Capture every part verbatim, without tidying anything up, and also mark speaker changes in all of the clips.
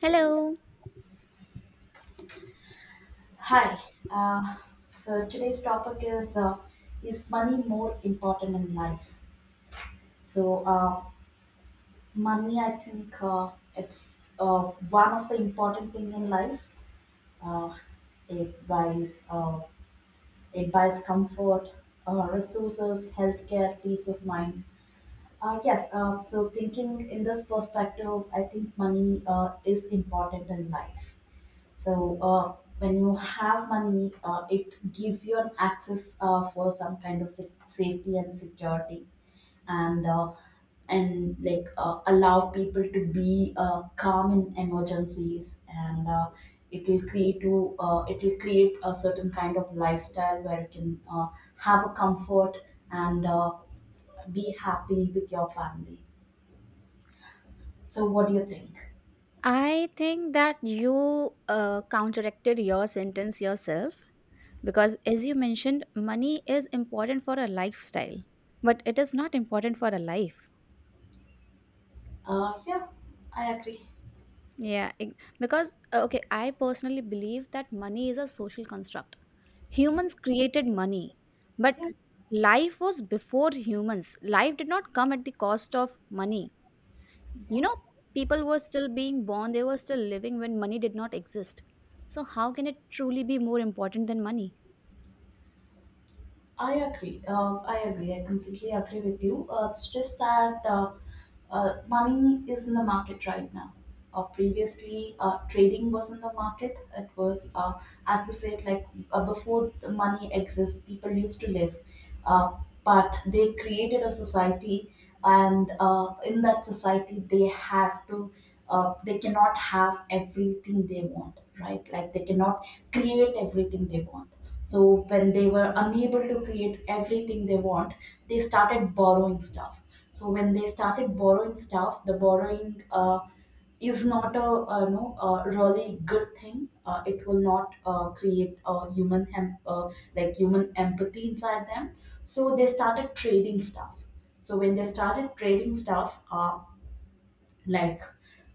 Speaker 1: Hello.
Speaker 2: Hi. Uh, so today's topic is uh, is money more important in life? So uh, Money, I think uh, it's uh, one of the important thing in life. Uh, it buys uh, it buys comfort, uh, resources, healthcare, peace of mind. Uh, yes. Uh, so thinking in this perspective, I think money uh, is important in life. So uh, when you have money, uh, it gives you an access uh, for some kind of sa- safety and security, and uh, and like uh, allow people to be uh, calm in emergencies, and uh, it will create to uh, it will create a certain kind of lifestyle where you can uh, have a comfort and uh, be happy with your family. So what do you think?
Speaker 1: I think that you uh, counteracted your sentence yourself because, as you mentioned, money is important for a lifestyle, but it is not important for a life.
Speaker 2: Uh, yeah, I agree.
Speaker 1: Yeah, ex- because, uh, okay, I personally believe that money is a social construct.
Speaker 2: Yeah,
Speaker 1: Humans created money, but
Speaker 2: yeah,
Speaker 1: life was before humans. Life did not come at the cost of money. you
Speaker 2: yeah.
Speaker 1: know People were still being born, they were still living when money did not exist, so how can it truly be more important than money?
Speaker 2: I agree. Uh, I agree. I completely agree with you. Uh, it's just that uh, uh, Money is in the market right now. Uh, previously, uh, trading was in the market. It was, uh, as you said, like uh, before the money exists, people used to live. Uh, but they created a society, and uh, in that society, they have to, uh, they cannot have everything they want, right? Like they cannot create everything they want. So when they were unable to create everything they want, they started borrowing stuff. So when they started borrowing stuff, the borrowing uh, is not a uh, you know a really good thing. Uh, it will not uh, create a human hem- uh, like human empathy inside them. So they started trading stuff. So when they started trading stuff, uh, like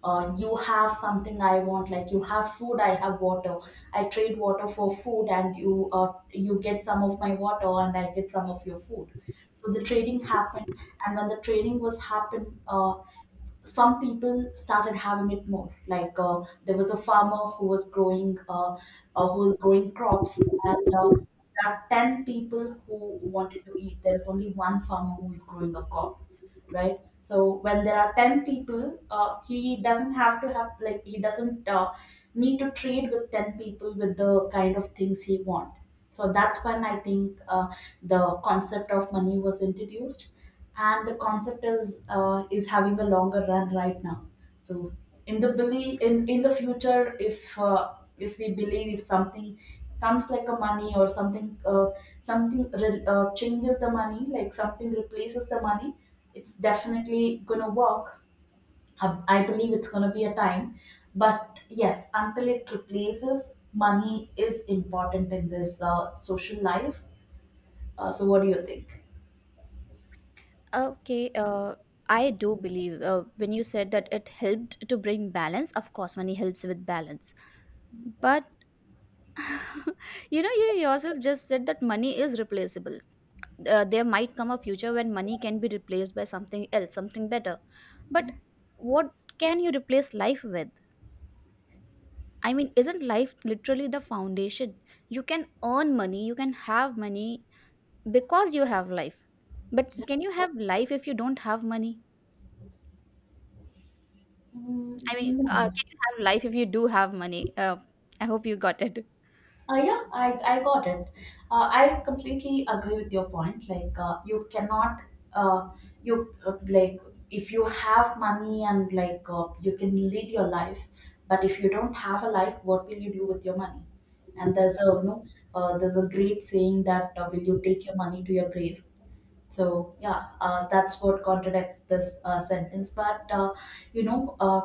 Speaker 2: uh, you have something I want, like you have food, I have water. I trade water for food, and you uh, you get some of my water and I get some of your food. So the trading happened, and when the trading was happened, uh, some people started having it more, like uh, there was a farmer who was growing uh, uh, who was growing crops, and uh, there are ten people who wanted to eat. There's only one farmer who was growing a crop, right? So when there are ten people, uh, he doesn't have to have, like, he doesn't uh, need to trade with ten people with the kind of things he want. So that's when I think uh, the concept of money was introduced. And the concept is uh, is having a longer run right now. So in the belief, in, in the future, if uh, if we believe if something comes like a money or something, uh, something re- uh, changes the money, like something replaces the money, it's definitely gonna work. I, I believe it's gonna be a time, but yes, until it replaces, money is important in this uh, social life. Uh, so, what do you think?
Speaker 1: Okay, uh, I do believe uh, when you said that it helped to bring balance. Of course, money helps with balance. But you know, you yourself just said that money is replaceable. Uh, there might come a future when money can be replaced by something else, something better. But what can you replace life with? I mean, isn't life literally the foundation? You can earn money, you can have money because you have life. But can you have life if you don't have money?
Speaker 2: Mm,
Speaker 1: I mean, uh,
Speaker 2: no.
Speaker 1: can you have life if you do have money? uh, I hope you got it.
Speaker 2: Uh, yeah, I, I got it. Uh, I completely agree with your point. Like, uh, you cannot, uh, you uh, like, if you have money and like, uh, you can lead your life, but if you don't have a life, what will you do with your money? And there's a, you know, uh, there's a great saying that uh, will you take your money to your grave? So yeah, uh, that's what contradicts this uh, sentence. But uh, you know, uh,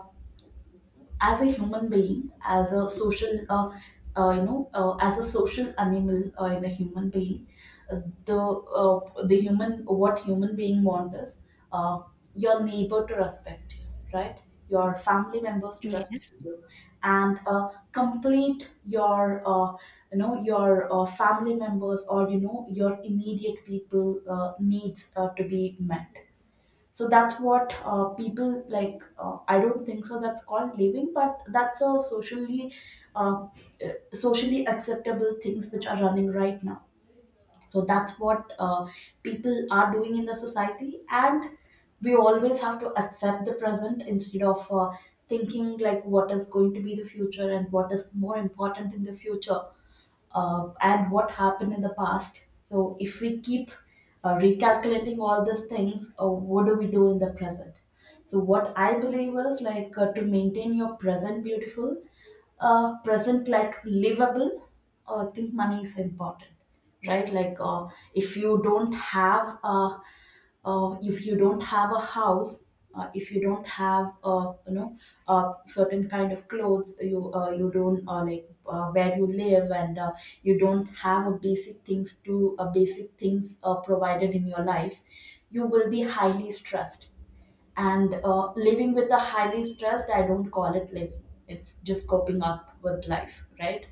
Speaker 2: as a human being, as a social, uh, uh, you know, uh, as a social animal uh, in a human being, uh, the uh, the human what human being wants is uh, your neighbor to respect you, right? Your family members to respect
Speaker 1: yes
Speaker 2: you, and uh, complete your uh, you know your uh, family members or you know your immediate people uh, needs uh, to be met. So that's what uh, people like. Uh, I don't think so. That's called living, but that's a socially, uh, uh, socially acceptable things which are running right now. So that's what uh, people are doing in the society, and we always have to accept the present instead of uh, thinking like what is going to be the future and what is more important in the future, uh, and what happened in the past. So, if we keep uh, recalculating all these things, uh, what do we do in the present? So, what I believe is like uh, to maintain your present beautiful, uh, present like livable, uh, I think money is important, right? Like, uh, if you don't have uh, uh, if you don't have a house, uh, if you don't have uh, you know uh, certain kind of clothes, you uh, you don't uh, like uh, where you live, and uh, you don't have a basic things to uh, basic things uh, provided in your life, you will be highly stressed. And uh, living with a highly stressed, I don't call it living. It's just coping up with life, right?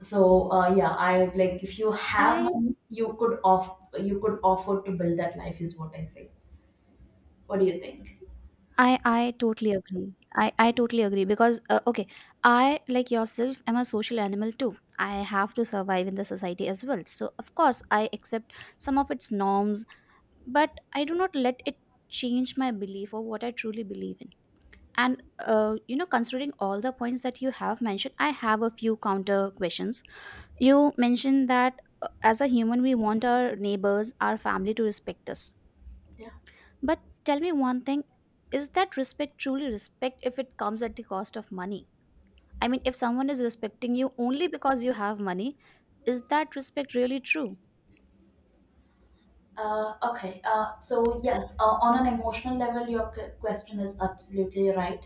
Speaker 2: So uh, yeah i like, if you have
Speaker 1: i
Speaker 2: money, you could off you could offer to build that life is what I say. What do you think?
Speaker 1: I I totally agree. I I totally agree because uh, okay, I, like yourself, am a social animal too. I have to survive in the society as well. So of course I accept some of its norms, but I do not let it change my belief or what I truly believe in. And uh, you know, considering all the points that you have mentioned, I have a few counter questions. You mentioned that uh, as a human, we want our neighbors, our family to respect us,
Speaker 2: Yeah.
Speaker 1: but tell me one thing. Is that respect truly respect if it comes at the cost of money? I mean, if someone is respecting you only because you have money, is that respect really true?
Speaker 2: Uh, okay. Uh, so yes, uh, on an emotional level, your c- question is absolutely right.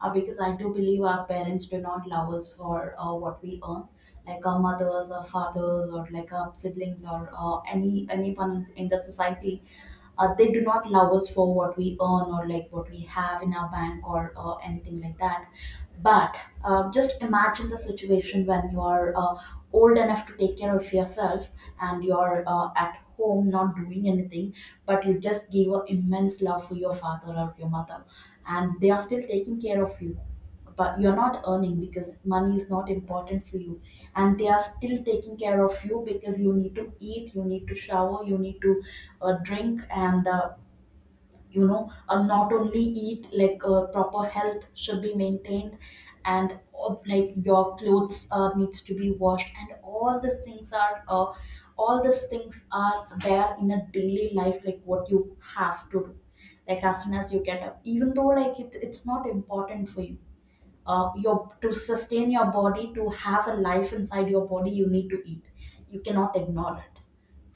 Speaker 2: Uh, because I do believe our parents do not love us for uh, what we earn, like our mothers, our fathers, or like our siblings, or uh, any anyone in the society. Uh, they do not love us for what we earn or like what we have in our bank or uh, anything like that. But uh, just imagine the situation when you are uh, old enough to take care of yourself and you're uh, at home not doing anything, but you just gave an immense love for your father or your mother, and they are still taking care of you. But you're not earning because money is not important for you, and they are still taking care of you because you need to eat, you need to shower, you need to uh, drink, and uh, you know uh, not only eat, like uh, proper health should be maintained, and uh, like your clothes uh, needs to be washed, and all the things are uh, all these things are there in a daily life, like what you have to do, like as soon as you get up, even though like it, it's not important for you. Uh, your To sustain your body, to have a life inside your body, you need to eat. You cannot ignore it,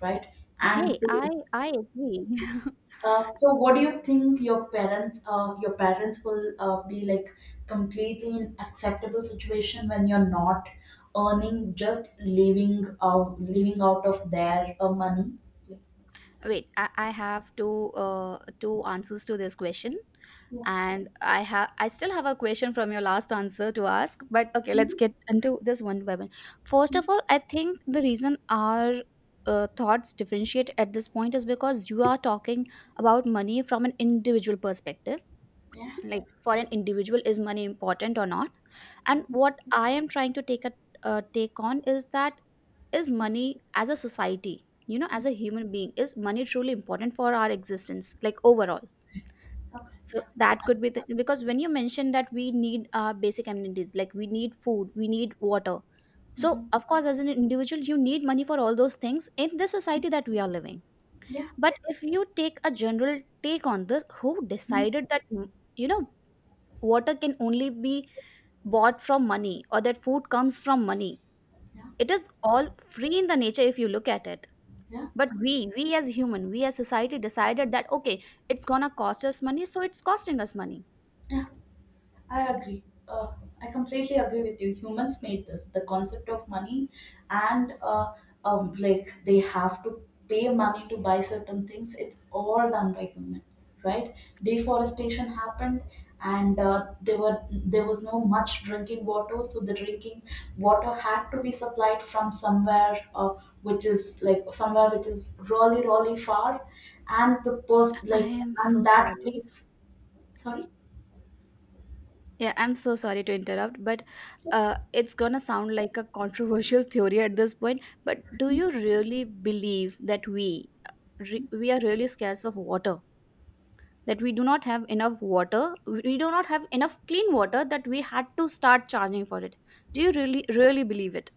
Speaker 2: right?
Speaker 1: Hey,
Speaker 2: and to
Speaker 1: I I agree.
Speaker 2: uh, so what do you think your parents uh, your parents will uh, be like completely in acceptable situation when you're not earning, just living out living out of their uh, money?
Speaker 1: Wait, I, I have two uh, two answers to this question,
Speaker 2: Like,
Speaker 1: and I have I still have a question from your last answer to ask. But okay, let's get into this one by one. First of all, I think the reason our uh, thoughts differentiate at this point is because you are talking about money from an individual perspective.
Speaker 2: yeah.
Speaker 1: Like, for an individual, is money important or not? And
Speaker 2: Mhm. Mhm.
Speaker 1: what I am trying to take a uh, take on is, that is money, as a society, you know, as a human being, is money truly important for our existence, like overall?
Speaker 2: Yeah, okay,
Speaker 1: So
Speaker 2: yeah.
Speaker 1: that could be the, because when you mentioned that we need uh, basic amenities, like we need food, we need water, so
Speaker 2: Mhm.
Speaker 1: of course as an individual you need money for all those things in the society that we are living.
Speaker 2: Yeah,
Speaker 1: But if you take a general take on this, who decided that, mm, you know, water can only be bought from money, or that food comes from money?
Speaker 2: yeah,
Speaker 1: It is all free in the nature if you look at it.
Speaker 2: yeah,
Speaker 1: But we we as human, we as society decided that, okay, it's gonna cost us money, so it's costing us money.
Speaker 2: yeah, I agree. Uh, I completely agree with you. Humans made this, the concept of money, and uh, um, like they have to pay money to buy certain things. It's all done by human, right? Deforestation happened, and uh, there were there was no much drinking water, so the drinking water had to be supplied from somewhere, uh, which is like somewhere which is really really far, and the post
Speaker 1: I
Speaker 2: like
Speaker 1: am so
Speaker 2: and that
Speaker 1: sorry.
Speaker 2: place. Sorry.
Speaker 1: Yeah, I'm so sorry to interrupt, but uh, it's gonna sound like a controversial theory at this point, but do you really believe that we uh, re- we are really scarce of water, that we do not have enough water, we do not have enough clean water, that we had to start charging for it? Do you really really believe it?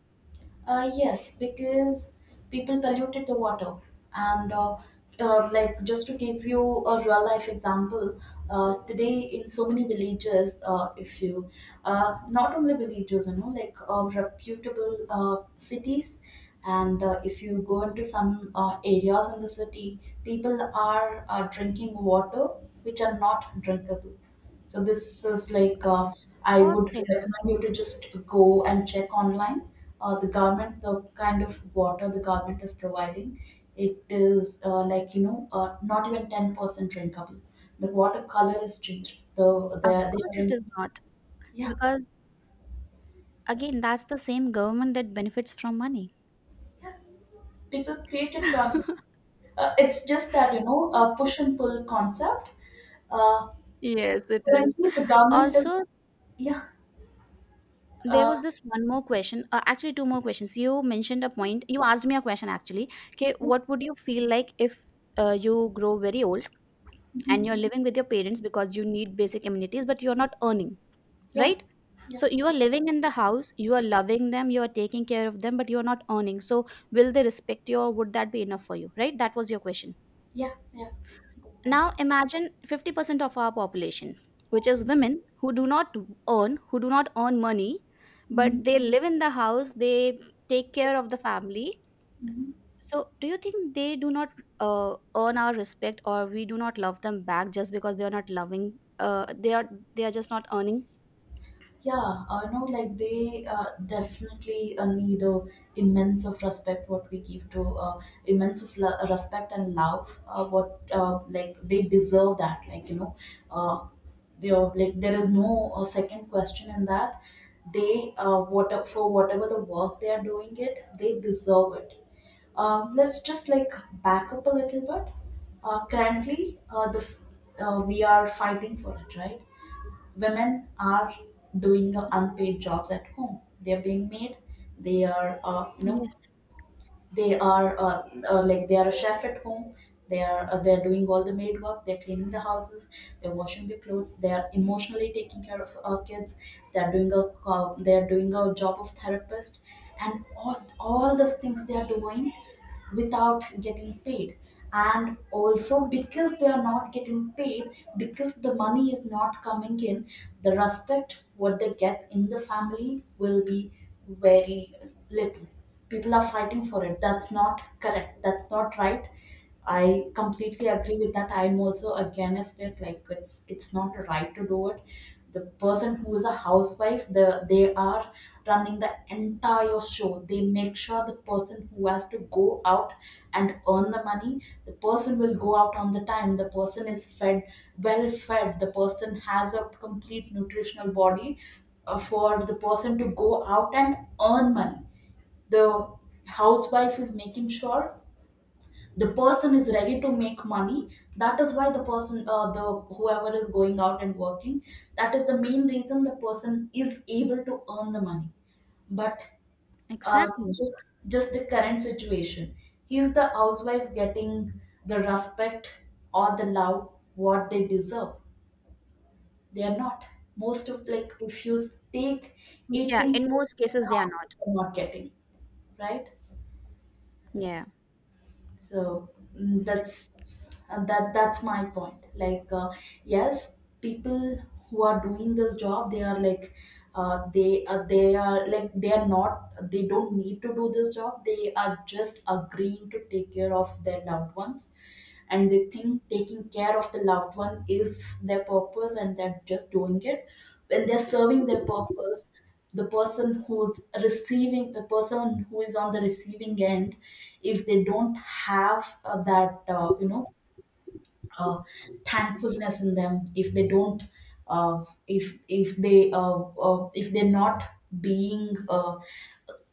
Speaker 2: Uh, yes, because people polluted the water. And uh, uh, like Just to give you a real life example, uh, today in so many villages, uh, if you uh, not only villages, you know, like uh, reputable uh, cities, and uh, if you go into some uh, areas in the city, people are, are drinking water which are not drinkable. So this is like
Speaker 1: Of
Speaker 2: uh, I
Speaker 1: course
Speaker 2: would
Speaker 1: they are.
Speaker 2: recommend you to just go and check online. Uh, the government, the kind of water the government is providing, it is uh, like you know uh, not even ten percent drinkable. The water color is changed. The
Speaker 1: Of
Speaker 2: they
Speaker 1: course
Speaker 2: they
Speaker 1: it
Speaker 2: are
Speaker 1: is not,
Speaker 2: yeah,
Speaker 1: because, again, that's the same government that benefits from money.
Speaker 2: yeah, people created government. Uh, it's just that you know a push and pull concept. Uh,
Speaker 1: Yes, it is.
Speaker 2: Currently the government is
Speaker 1: Also,
Speaker 2: yeah,
Speaker 1: there
Speaker 2: uh,
Speaker 1: was this one more question, uh, actually two more questions. You mentioned a point, you asked me a question actually. Okay,
Speaker 2: yeah,
Speaker 1: what would you feel like if uh, you grow very old and
Speaker 2: mhm,
Speaker 1: you're living with your parents because you need basic amenities, but you're not earning,
Speaker 2: yeah,
Speaker 1: right?
Speaker 2: yeah,
Speaker 1: So you are living in the house, you are loving them, you are taking care of them, but you are not earning. So will they respect you, or would that be enough for you, right? That was your question.
Speaker 2: yeah, yeah. That's simple.
Speaker 1: Now imagine fifty percent of our population, which is women, who do not earn, who do not earn money, but
Speaker 2: Mhm,
Speaker 1: they live in the house, they take care of the family.
Speaker 2: mhm.
Speaker 1: So, do you think they do not uh, earn our respect, or we do not love them back just because they are not loving? Uh, they are they are just not earning.
Speaker 2: Yeah, I know, like they uh, definitely uh, need a immense of respect what we give to, uh, immense of lo- respect and love uh, what uh, like they deserve that, like you know uh, they are like, there is no uh, second question in that. They uh, What, for whatever the work they are doing, it, they deserve it. Um, let's just like back up a little bit. Uh, currently, uh, the f- uh, we are fighting for it, right? Women are doing the unpaid jobs at home. They're being made. They are, uh, you know,
Speaker 1: Yes,
Speaker 2: they are uh, uh, like they are a chef at home. They are uh, they're doing all the maid work. They're cleaning the houses, they're washing the clothes, they're emotionally taking care of our kids. They're doing a co- they're doing a job of therapist, and all all these things they are doing without getting paid. And also because they are not getting paid, because the money is not coming in, the respect what they get in the family will be very little. People are fighting for it. That's not correct, that's not right. I completely agree with that. I'm also against it. Like, it's it's not right to do it. The person who is a housewife, the they are running the entire show. They make sure the person who has to go out and earn the money, the person will go out on the time, the person is fed, well fed, the person has a complete nutritional body uh, for the person to go out and earn money. The housewife is making sure the person is ready to make money. That is why the person, uh, the whoever is going out and working, that is the main reason the person is able to earn the money. But um,
Speaker 1: exactly.
Speaker 2: just, just the current situation, is the housewife getting the respect or the love what they deserve? They are not. Most of, like, if you take
Speaker 1: Yeah,
Speaker 2: eighty
Speaker 1: in most cases they are not.
Speaker 2: housewives, are not getting, right?
Speaker 1: Yeah,
Speaker 2: So mm, that's, uh, that that's my point. Like, uh, yes, people who are doing this job, they are like, uh, they uh, they are like they are not they don't need to do this job, they are just agreeing to take care of their loved ones. And they think taking care of the loved one is their purpose, and they're just doing it. When they're serving their purpose, the person who's receiving, the person who is on the receiving end, if they don't have uh, that, uh, you know uh, thankfulness in them, if they don't uh, if if they uh, uh, if they're not being uh,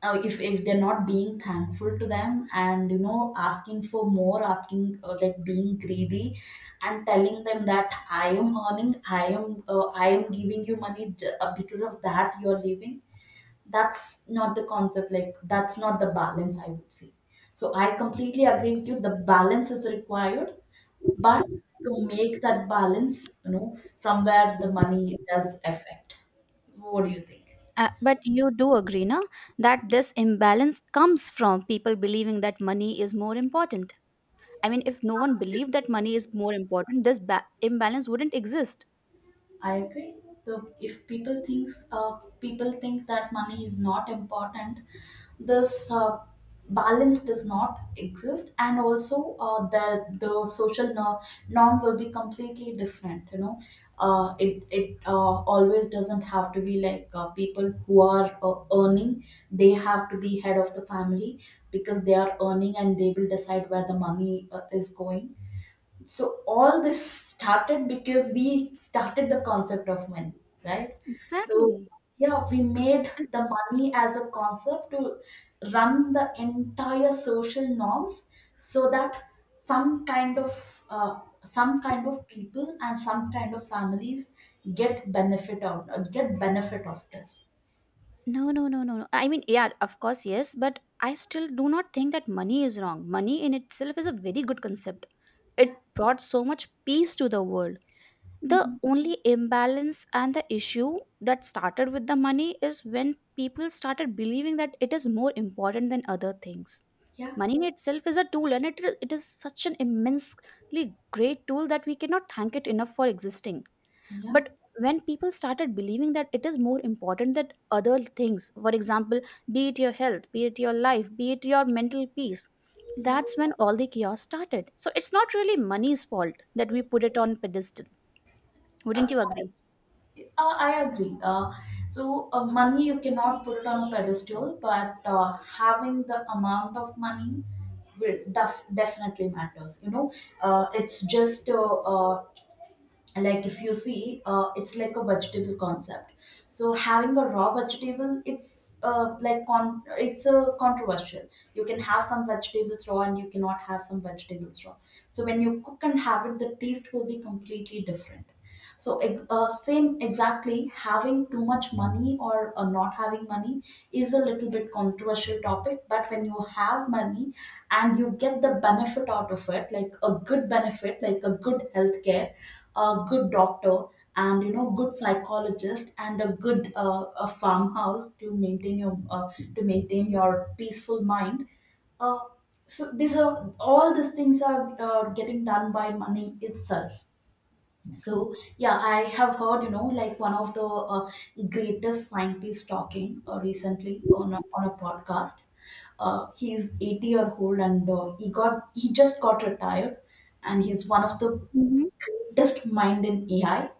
Speaker 2: uh, if if they're not being thankful to them, and, you know, asking for more, asking, uh, like, being greedy, and telling them that I am earning, i am uh, I am giving you money, j- uh, because of that you are leaving. That's not the concept. Like, that's not the balance, I would say. So I completely agree with you, the balance is required. But to make that balance, you know, somewhere the money does affect. What do you think?
Speaker 1: uh, but you do agree, na, that this imbalance comes from people believing that money is more important? I mean, if no one believed that money is more important, this ba- imbalance wouldn't exist.
Speaker 2: I agree. The, if people thinks uh, people think that money is not important, this uh, balance does not exist. And also, uh, the the social no- norm will be completely different. You know, uh, it it uh, always doesn't have to be like, uh, people who are uh, earning, they have to be head of the family because they are earning, and they will decide where the money uh, is going. So all this started because we started the concept of money, right? So
Speaker 1: Exactly.
Speaker 2: yeah, we made
Speaker 1: And
Speaker 2: the money as a concept to run the entire social norms so that some kind of uh, some kind of people and some kind of families get benefit out get benefit of this.
Speaker 1: no, no, no, no, no. I mean, yeah, of course, yes, but I still do not think that money is wrong. Money in itself is a very good concept.
Speaker 2: Yeah.
Speaker 1: It brought so much peace to the world. The
Speaker 2: Mhm.
Speaker 1: only imbalance and the issue that started with the money is when people started believing that it is more important than other things.
Speaker 2: Yeah,
Speaker 1: Money in itself is a tool, and it, it is such an immensely great tool that we cannot thank it enough for existing.
Speaker 2: yeah,
Speaker 1: But when people started believing that it is more important than other things, for example, be it your health, be it your life, be it your mental peace,
Speaker 2: yeah.
Speaker 1: that's when all the chaos started. So it's not really money's fault that we put it on pedestal. Wouldn't you agree?
Speaker 2: Uh, I agree. Uh, so, uh, money, you cannot put it on a pedestal, but uh, having the amount of money will def- definitely matters. You know, uh, it's just uh, uh, like if you see, uh, it's like a vegetable concept. So, having a raw vegetable, it's, uh, like con- it's a controversial. You can have some vegetables raw, and you cannot have some vegetables raw. So, when you cook and have it, the taste will be completely different. So, ex- uh, same exactly, having too much money or uh, not having money is a little bit controversial topic. But when you have money and you get the benefit out of it, like a good benefit, like a good healthcare, a good doctor, and, you know, good psychologist, and a good, uh, a farmhouse to maintain your uh, to maintain your peaceful mind. Uh, so these are All these things are uh, getting done by money itself. So yeah, I have heard, you know, like one of the uh, greatest scientists talking uh, recently on a, on a podcast. Uh, he's eighty year old, and uh, he got he just got retired. And he's one of the
Speaker 1: Hmm.
Speaker 2: greatest mind in ai.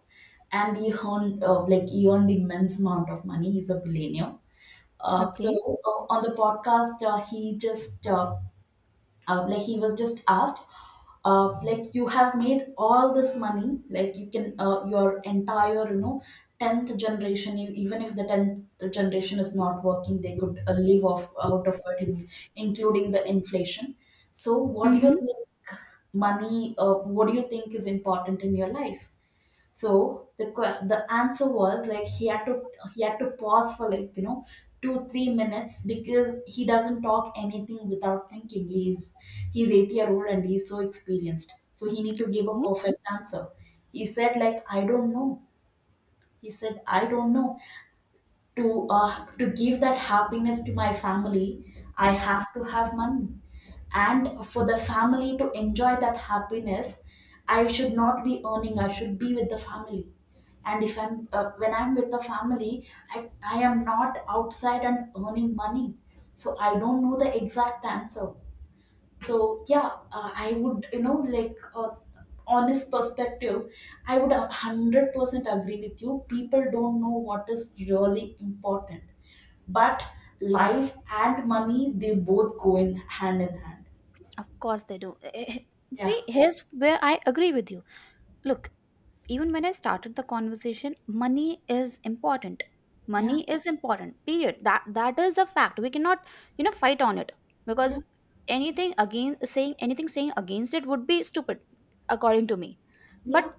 Speaker 2: And he earned, uh, like he earned immense amount of money. He's a billionaire. Uh, so
Speaker 1: Okay.
Speaker 2: uh, on the podcast, uh, he just uh, uh, like he was just asked, uh, like, you have made all this money, like, you can, uh, your entire, you know, tenth generation, you, even if the tenth generation is not working, they could uh, live off out of it in, including the inflation. So what do you
Speaker 1: Mm-hmm.
Speaker 2: think, money uh, what do you think is important in your life? So the que- the answer was, like, he had to, he had to pause for like, you know, two three minutes, because he doesn't talk anything without thinking. He's he's eighty year old, and he's so experienced. So he need to give a
Speaker 1: Mhm.
Speaker 2: perfect answer. He said, like, I don't know. He said, I don't know, to uh, to give that happiness to my family, I have to have money. And for the family to enjoy that happiness, I should not be earning, I should be with the family. And if I'm uh, when I'm with the family, i i am not outside and earning money. So I don't know the exact answer. So yeah, uh, I would, you know, like, uh, honest perspective, I would one hundred percent agree with you. People don't know what is really important, but life and money, they both go in hand in hand.
Speaker 1: Of course they do. Eh, eh,
Speaker 2: Yeah,
Speaker 1: see, here's where I agree with you. Look, even when I started the conversation, money is important.
Speaker 2: yeah,
Speaker 1: Money is important. Period. That that is a fact. We cannot, you know, fight on it
Speaker 2: yeah,
Speaker 1: because anything again, saying anything, saying against it would be stupid, according to me.
Speaker 2: yeah,
Speaker 1: But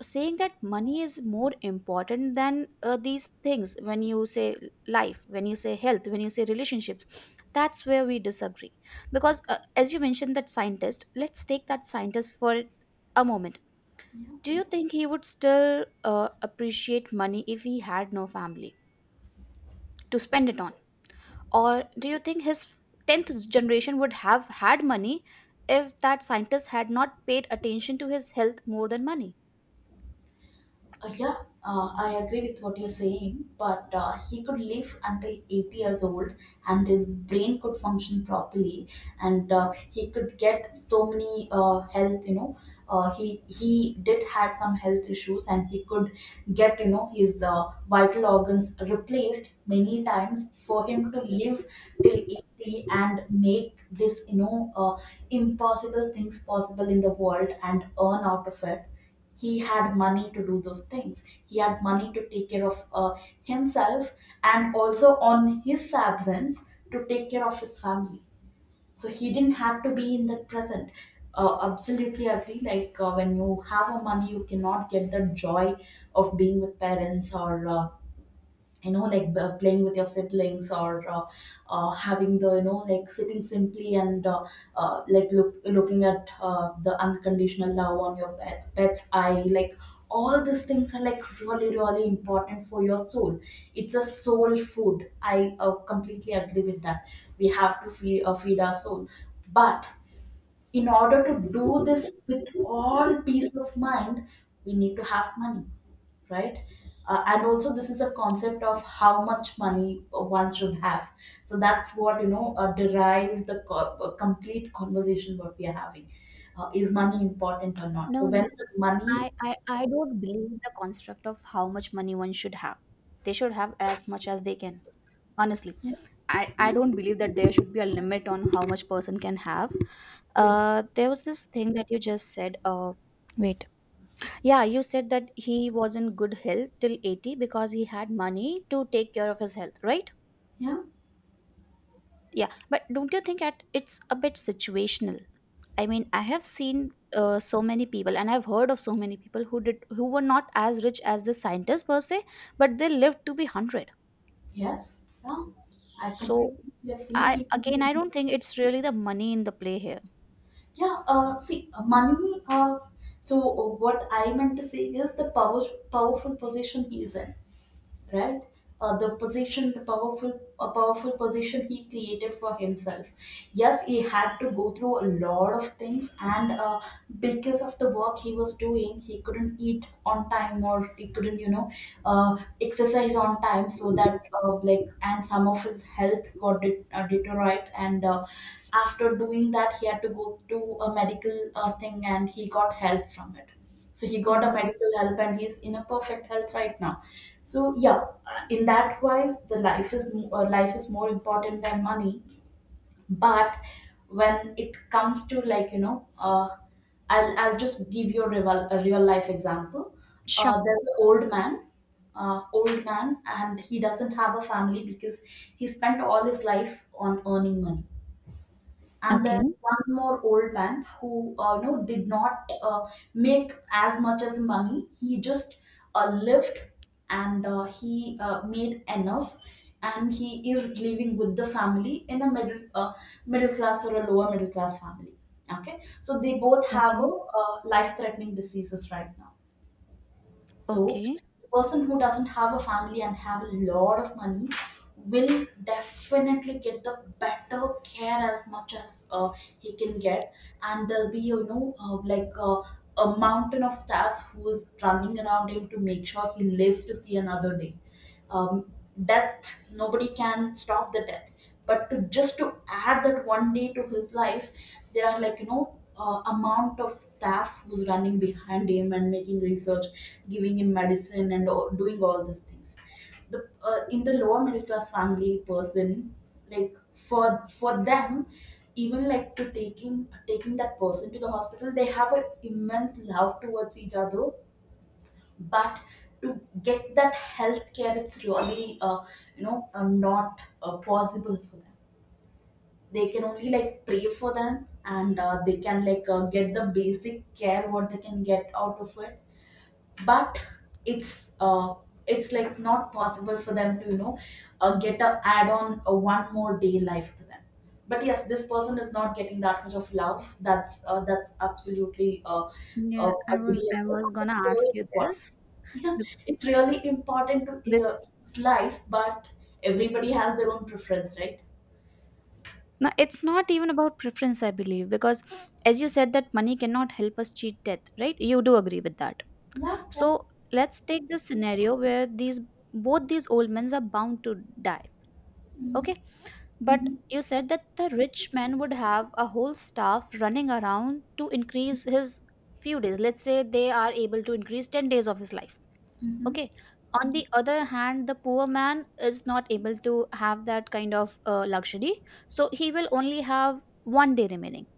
Speaker 1: saying that money is more important than uh, these things, when you say life, when you say health, when you say relationships, that's where we disagree. Because uh, as you mentioned that scientist, let's take that scientist for a moment.
Speaker 2: yeah.
Speaker 1: Do you think he would still uh, appreciate money if he had no family to spend it on? Or do you think his tenth generation would have had money if that scientist had not paid attention to his health more than money?
Speaker 2: Uh, Yeah, uh, I agree with what you're saying, but uh, he could live until eighty years old, and his brain could function properly, and uh, he could get so many uh, health, you know, uh, he he did had some health issues, and he could get, you know, his uh, vital organs replaced many times for him to live till eighty, and make this, you know, uh, impossible things possible in the world, and earn out of it. He had money to do those things. He had money to take care of uh, himself, and also on his absence, to take care of his family. So he didn't have to be in the present. Uh, absolutely agree. Like, uh, when you have a money, you cannot get the joy of being with parents, or uh, you know like uh, playing with your siblings, or uh, uh, having the, you know, like, sitting simply and, uh, uh, like look, looking at uh, the unconditional love on your pet, pet's eye. Like, all these things are like really really important for your soul. It's a soul food. I uh, completely agree with that. We have to feed, uh, feed our soul. But in order to do this with all peace of mind, we need to have money, right? Uh, and also this is a concept of how much money uh, one should have. So that's what, you know, uh, derive the co- uh, complete conversation what we are having, uh, is money important or not. So
Speaker 1: No,
Speaker 2: when
Speaker 1: no.
Speaker 2: the money,
Speaker 1: I, I, I don't believe the construct of how much money one should have. They should have as much as they can. Honestly,
Speaker 2: yeah,
Speaker 1: I, I
Speaker 2: yeah,
Speaker 1: don't believe that there should be a limit on how much person can have.
Speaker 2: yes,
Speaker 1: Uh, there was this thing that you just said. Uh, wait. Yeah, you said that he was in good health till eighty because he had money to take care of his health, right?
Speaker 2: yeah,
Speaker 1: Yeah, but don't you think that it's a bit situational? I mean, I have seen uh, so many people and I've heard of so many people who did, who were not as rich as the scientist per se, but they lived to be one hundred.
Speaker 2: yes, yeah, I
Speaker 1: So,
Speaker 2: completely have seen
Speaker 1: I
Speaker 2: people.
Speaker 1: again, I don't think it's really the money in the play here.
Speaker 2: Yeah, uh, see, uh, money. Uh, so, uh, what I meant to say is the power, powerful position he is in, right? uh, the position the powerful A powerful position he created for himself. Yes, he had to go through a lot of things, and uh, because of the work he was doing, he couldn't eat on time, or he couldn't, you know, uh, exercise on time, so that, uh, like and some of his health got de- uh, deteriorate. And uh, after doing that, he had to go to a medical uh, thing, and he got help from it. So he got a
Speaker 1: Yeah.
Speaker 2: medical help, and he's in a perfect health right now. So yeah, uh, in that wise, the life is mo- uh, life is more important than money. But when it comes to, like, you know, uh, i'll I'll just give you a real, a real life example. Uh,
Speaker 1: Sure.
Speaker 2: there's an old man uh, Old man, and he doesn't have a family, because he spent all his life on earning money. And there's
Speaker 1: Okay.
Speaker 2: one more old man who, uh, you know, did not uh, make as much as money. He just uh, lived, and uh, he uh, made enough, and he is living with the family in a middle uh, middle class or a lower middle class family. Okay, so they both have a
Speaker 1: Okay.
Speaker 2: uh, life threatening diseases right now. So
Speaker 1: Okay.
Speaker 2: the person who doesn't have a family and have a lot of money will definitely get the better care as much as uh, he can get, and there'll be, you know, uh, like uh, a mountain of staffs who is running around him to make sure he lives to see another day. um, Death, nobody can stop the death. But to just to add that one day To his life, there are, like, you know uh, amount of staff who's running behind him and making research, giving him medicine and all, doing all these things. The uh, in the lower middle class family person, like, for for them, even, like, to taking taking that person to the hospital, they have an immense love towards each other. But to get that health care, it's really uh, you know uh, not uh, possible for them. They can only, like, pray for them and uh, they can, like, uh, get the basic care what they can get out of it. But it's uh it's like not possible for them to you know uh, get a add on a one more day life to them. But yes, this person is not getting that much of love. That's uh, that's absolutely uh,
Speaker 1: Yeah,
Speaker 2: uh
Speaker 1: I was I
Speaker 2: agreeable.
Speaker 1: was gonna
Speaker 2: It's
Speaker 1: ask
Speaker 2: really
Speaker 1: you
Speaker 2: important.
Speaker 1: this
Speaker 2: Yeah.
Speaker 1: be-
Speaker 2: It's really important to uh, it's life. But everybody has their own preference, right?
Speaker 1: now it's not even about preference, I believe, because, as you said, that money cannot help us cheat death, right? You do agree with that.
Speaker 2: Yeah.
Speaker 1: So let's take the scenario where these both these old men are bound to die.
Speaker 2: Mm-hmm.
Speaker 1: Okay. But you said that the rich man would have a whole staff running around to increase his few days. Let's say they are able to increase ten days of his life.
Speaker 2: Mm-hmm.
Speaker 1: Okay. On the other hand, the poor man is not able to have that kind of uh, luxury. So he will only have one day remaining.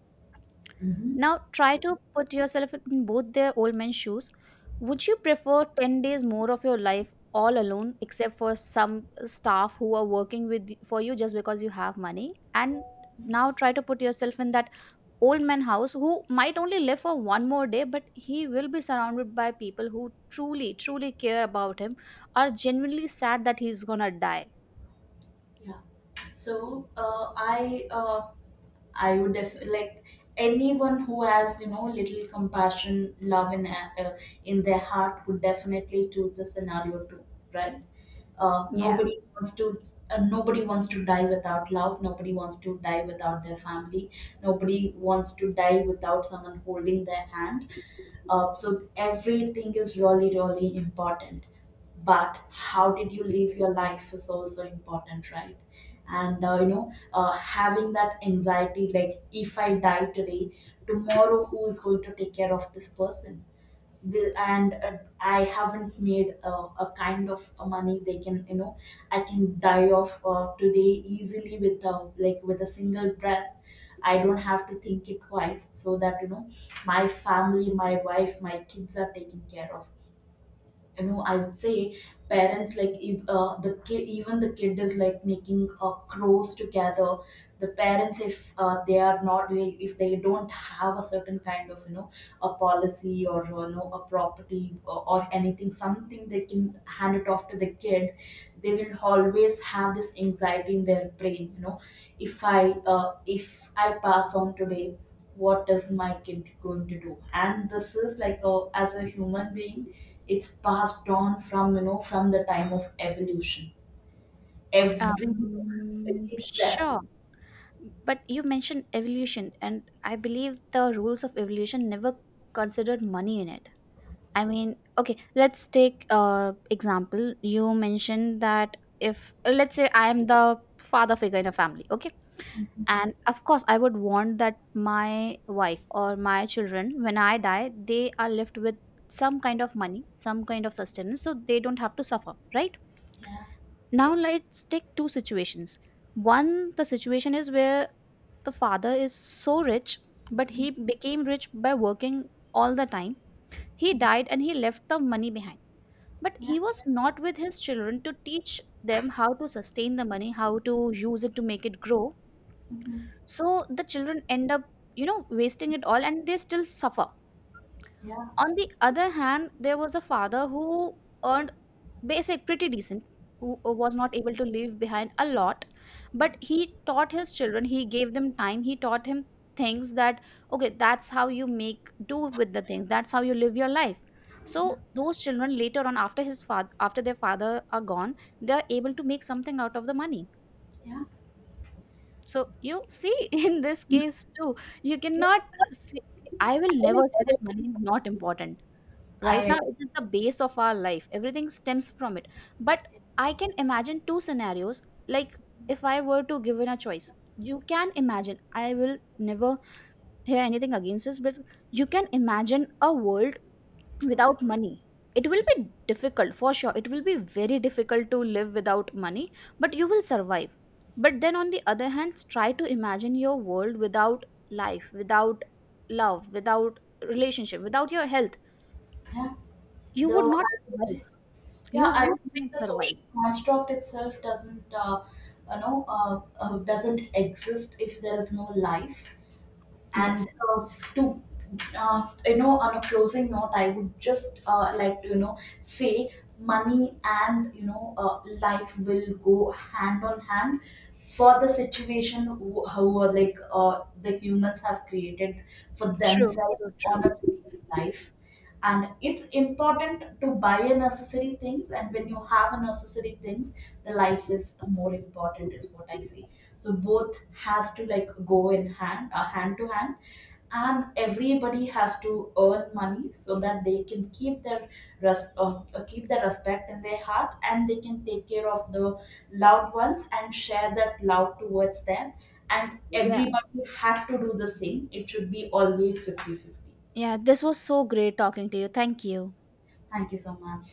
Speaker 2: Mm-hmm.
Speaker 1: Now, try to put yourself in both the old man's shoes. Would you prefer ten days more of your life all alone, except for some staff who are working with for you just because you have money? And now try to put yourself in that old man house who might only live for one more day, but he will be surrounded by people who truly truly care about him, are genuinely sad that he's gonna die.
Speaker 2: Yeah. so uh, i uh, I would def- like, anyone who has, you know, little compassion, love in uh, in their heart would definitely choose the scenario too, right? Uh,
Speaker 1: Yeah.
Speaker 2: nobody wants to. Uh, nobody wants to die without love. Nobody wants to die without their family. Nobody wants to die without someone holding their hand. Uh, so everything is really, really important, but how did you live your life is also important, right? And uh, you know uh, having that anxiety, like, if I die today, tomorrow who is going to take care of this person? The- and uh, I haven't made a, a kind of uh, money they can, you know, I can die off uh, today easily with a, like, with a single breath. I don't have to think it twice, so that, you know, my family, my wife, my kids are taken care of. You know, I would say parents, like if, uh, the kid even the kid is like making uh, crows together, the parents, if uh, they are not really- if they don't have a certain kind of, you know, a policy or, you know, a property, or, or anything, something they can hand it off to the kid, they will always have this anxiety in their brain, you know. if i uh, if I pass on today, what is my kid going to do? And this is like a, as a human being, it's passed on from, you know, from the time of evolution, every— it-
Speaker 1: um
Speaker 2: it's there.
Speaker 1: sure But you mentioned evolution, and I believe the rules of evolution never considered money in it. I mean, okay, let's take uh example. You mentioned that, if, let's say, I am the father figure in a family, okay, and of course I would want that my wife or my children, when I die, they are left with some kind of money, some kind of sustenance, so they don't have to suffer, right?
Speaker 2: Yeah.
Speaker 1: Now let's take two situations. One, the situation is where the father is so rich, but he became rich by working all the time. He
Speaker 2: Mm.
Speaker 1: died and he left the money behind, but
Speaker 2: Yeah.
Speaker 1: he was not with his children to teach them how to sustain the money, how to use it to make it grow.
Speaker 2: Hmm.
Speaker 1: So the children end up, you know, wasting it all and they still suffer.
Speaker 2: Yeah.
Speaker 1: On the other hand, there was a father who earned basic, pretty decent, who uh, was not able to leave behind a lot, but he taught his children, he gave them time, he taught him things that, okay, that's how you make do with the things, that's how you live your life.
Speaker 2: Yeah.
Speaker 1: So those children, later on, after his father, after their father are gone, they are able to make something out of the money.
Speaker 2: Yeah.
Speaker 1: So you see, in this case too, you
Speaker 2: Yeah,
Speaker 1: cannot say, I will
Speaker 2: I
Speaker 1: never
Speaker 2: mean, I
Speaker 1: say that
Speaker 2: was
Speaker 1: money is not important. Right now,
Speaker 2: I
Speaker 1: it is the base of our life. Everything stems from it. But I can imagine two scenarios. Like, if I were to given a choice, you can imagine, I will never hear anything against this, but you can imagine a world without money. It will be difficult, for sure. It will be very difficult to live without money, but you will survive. But then on the other hand, try to imagine your world without life, without love, without relationship, without your health.
Speaker 2: Yeah,
Speaker 1: You would
Speaker 2: though
Speaker 1: not
Speaker 2: I would
Speaker 1: survive.
Speaker 2: say, yeah,
Speaker 1: You
Speaker 2: I
Speaker 1: would
Speaker 2: would say
Speaker 1: not
Speaker 2: the
Speaker 1: survive.
Speaker 2: social construct itself doesn't uh, you know uh, uh, doesn't exist if there is no life. And
Speaker 1: Yes,
Speaker 2: uh, to uh, you know, on a closing note, I would just uh, like to, you know, say money and, you know uh, life will go hand on hand for the situation who, who are, like, uh, the humans have created for
Speaker 1: true.
Speaker 2: themselves on a today's life. And it's important to buy a necessary things, and when you have a necessary things, the life is more important is what I say. So both has to, like, go in hand, uh, hand to hand. And everybody has to earn money so that they can keep their res- uh, uh, keep their respect in their heart, and they can take care of the loved ones and share that love towards them. And
Speaker 1: Yeah,
Speaker 2: everybody had to do the same. It should be always fifty fifty.
Speaker 1: yeah, this was so great talking to you. Thank you.
Speaker 2: Thank you so much.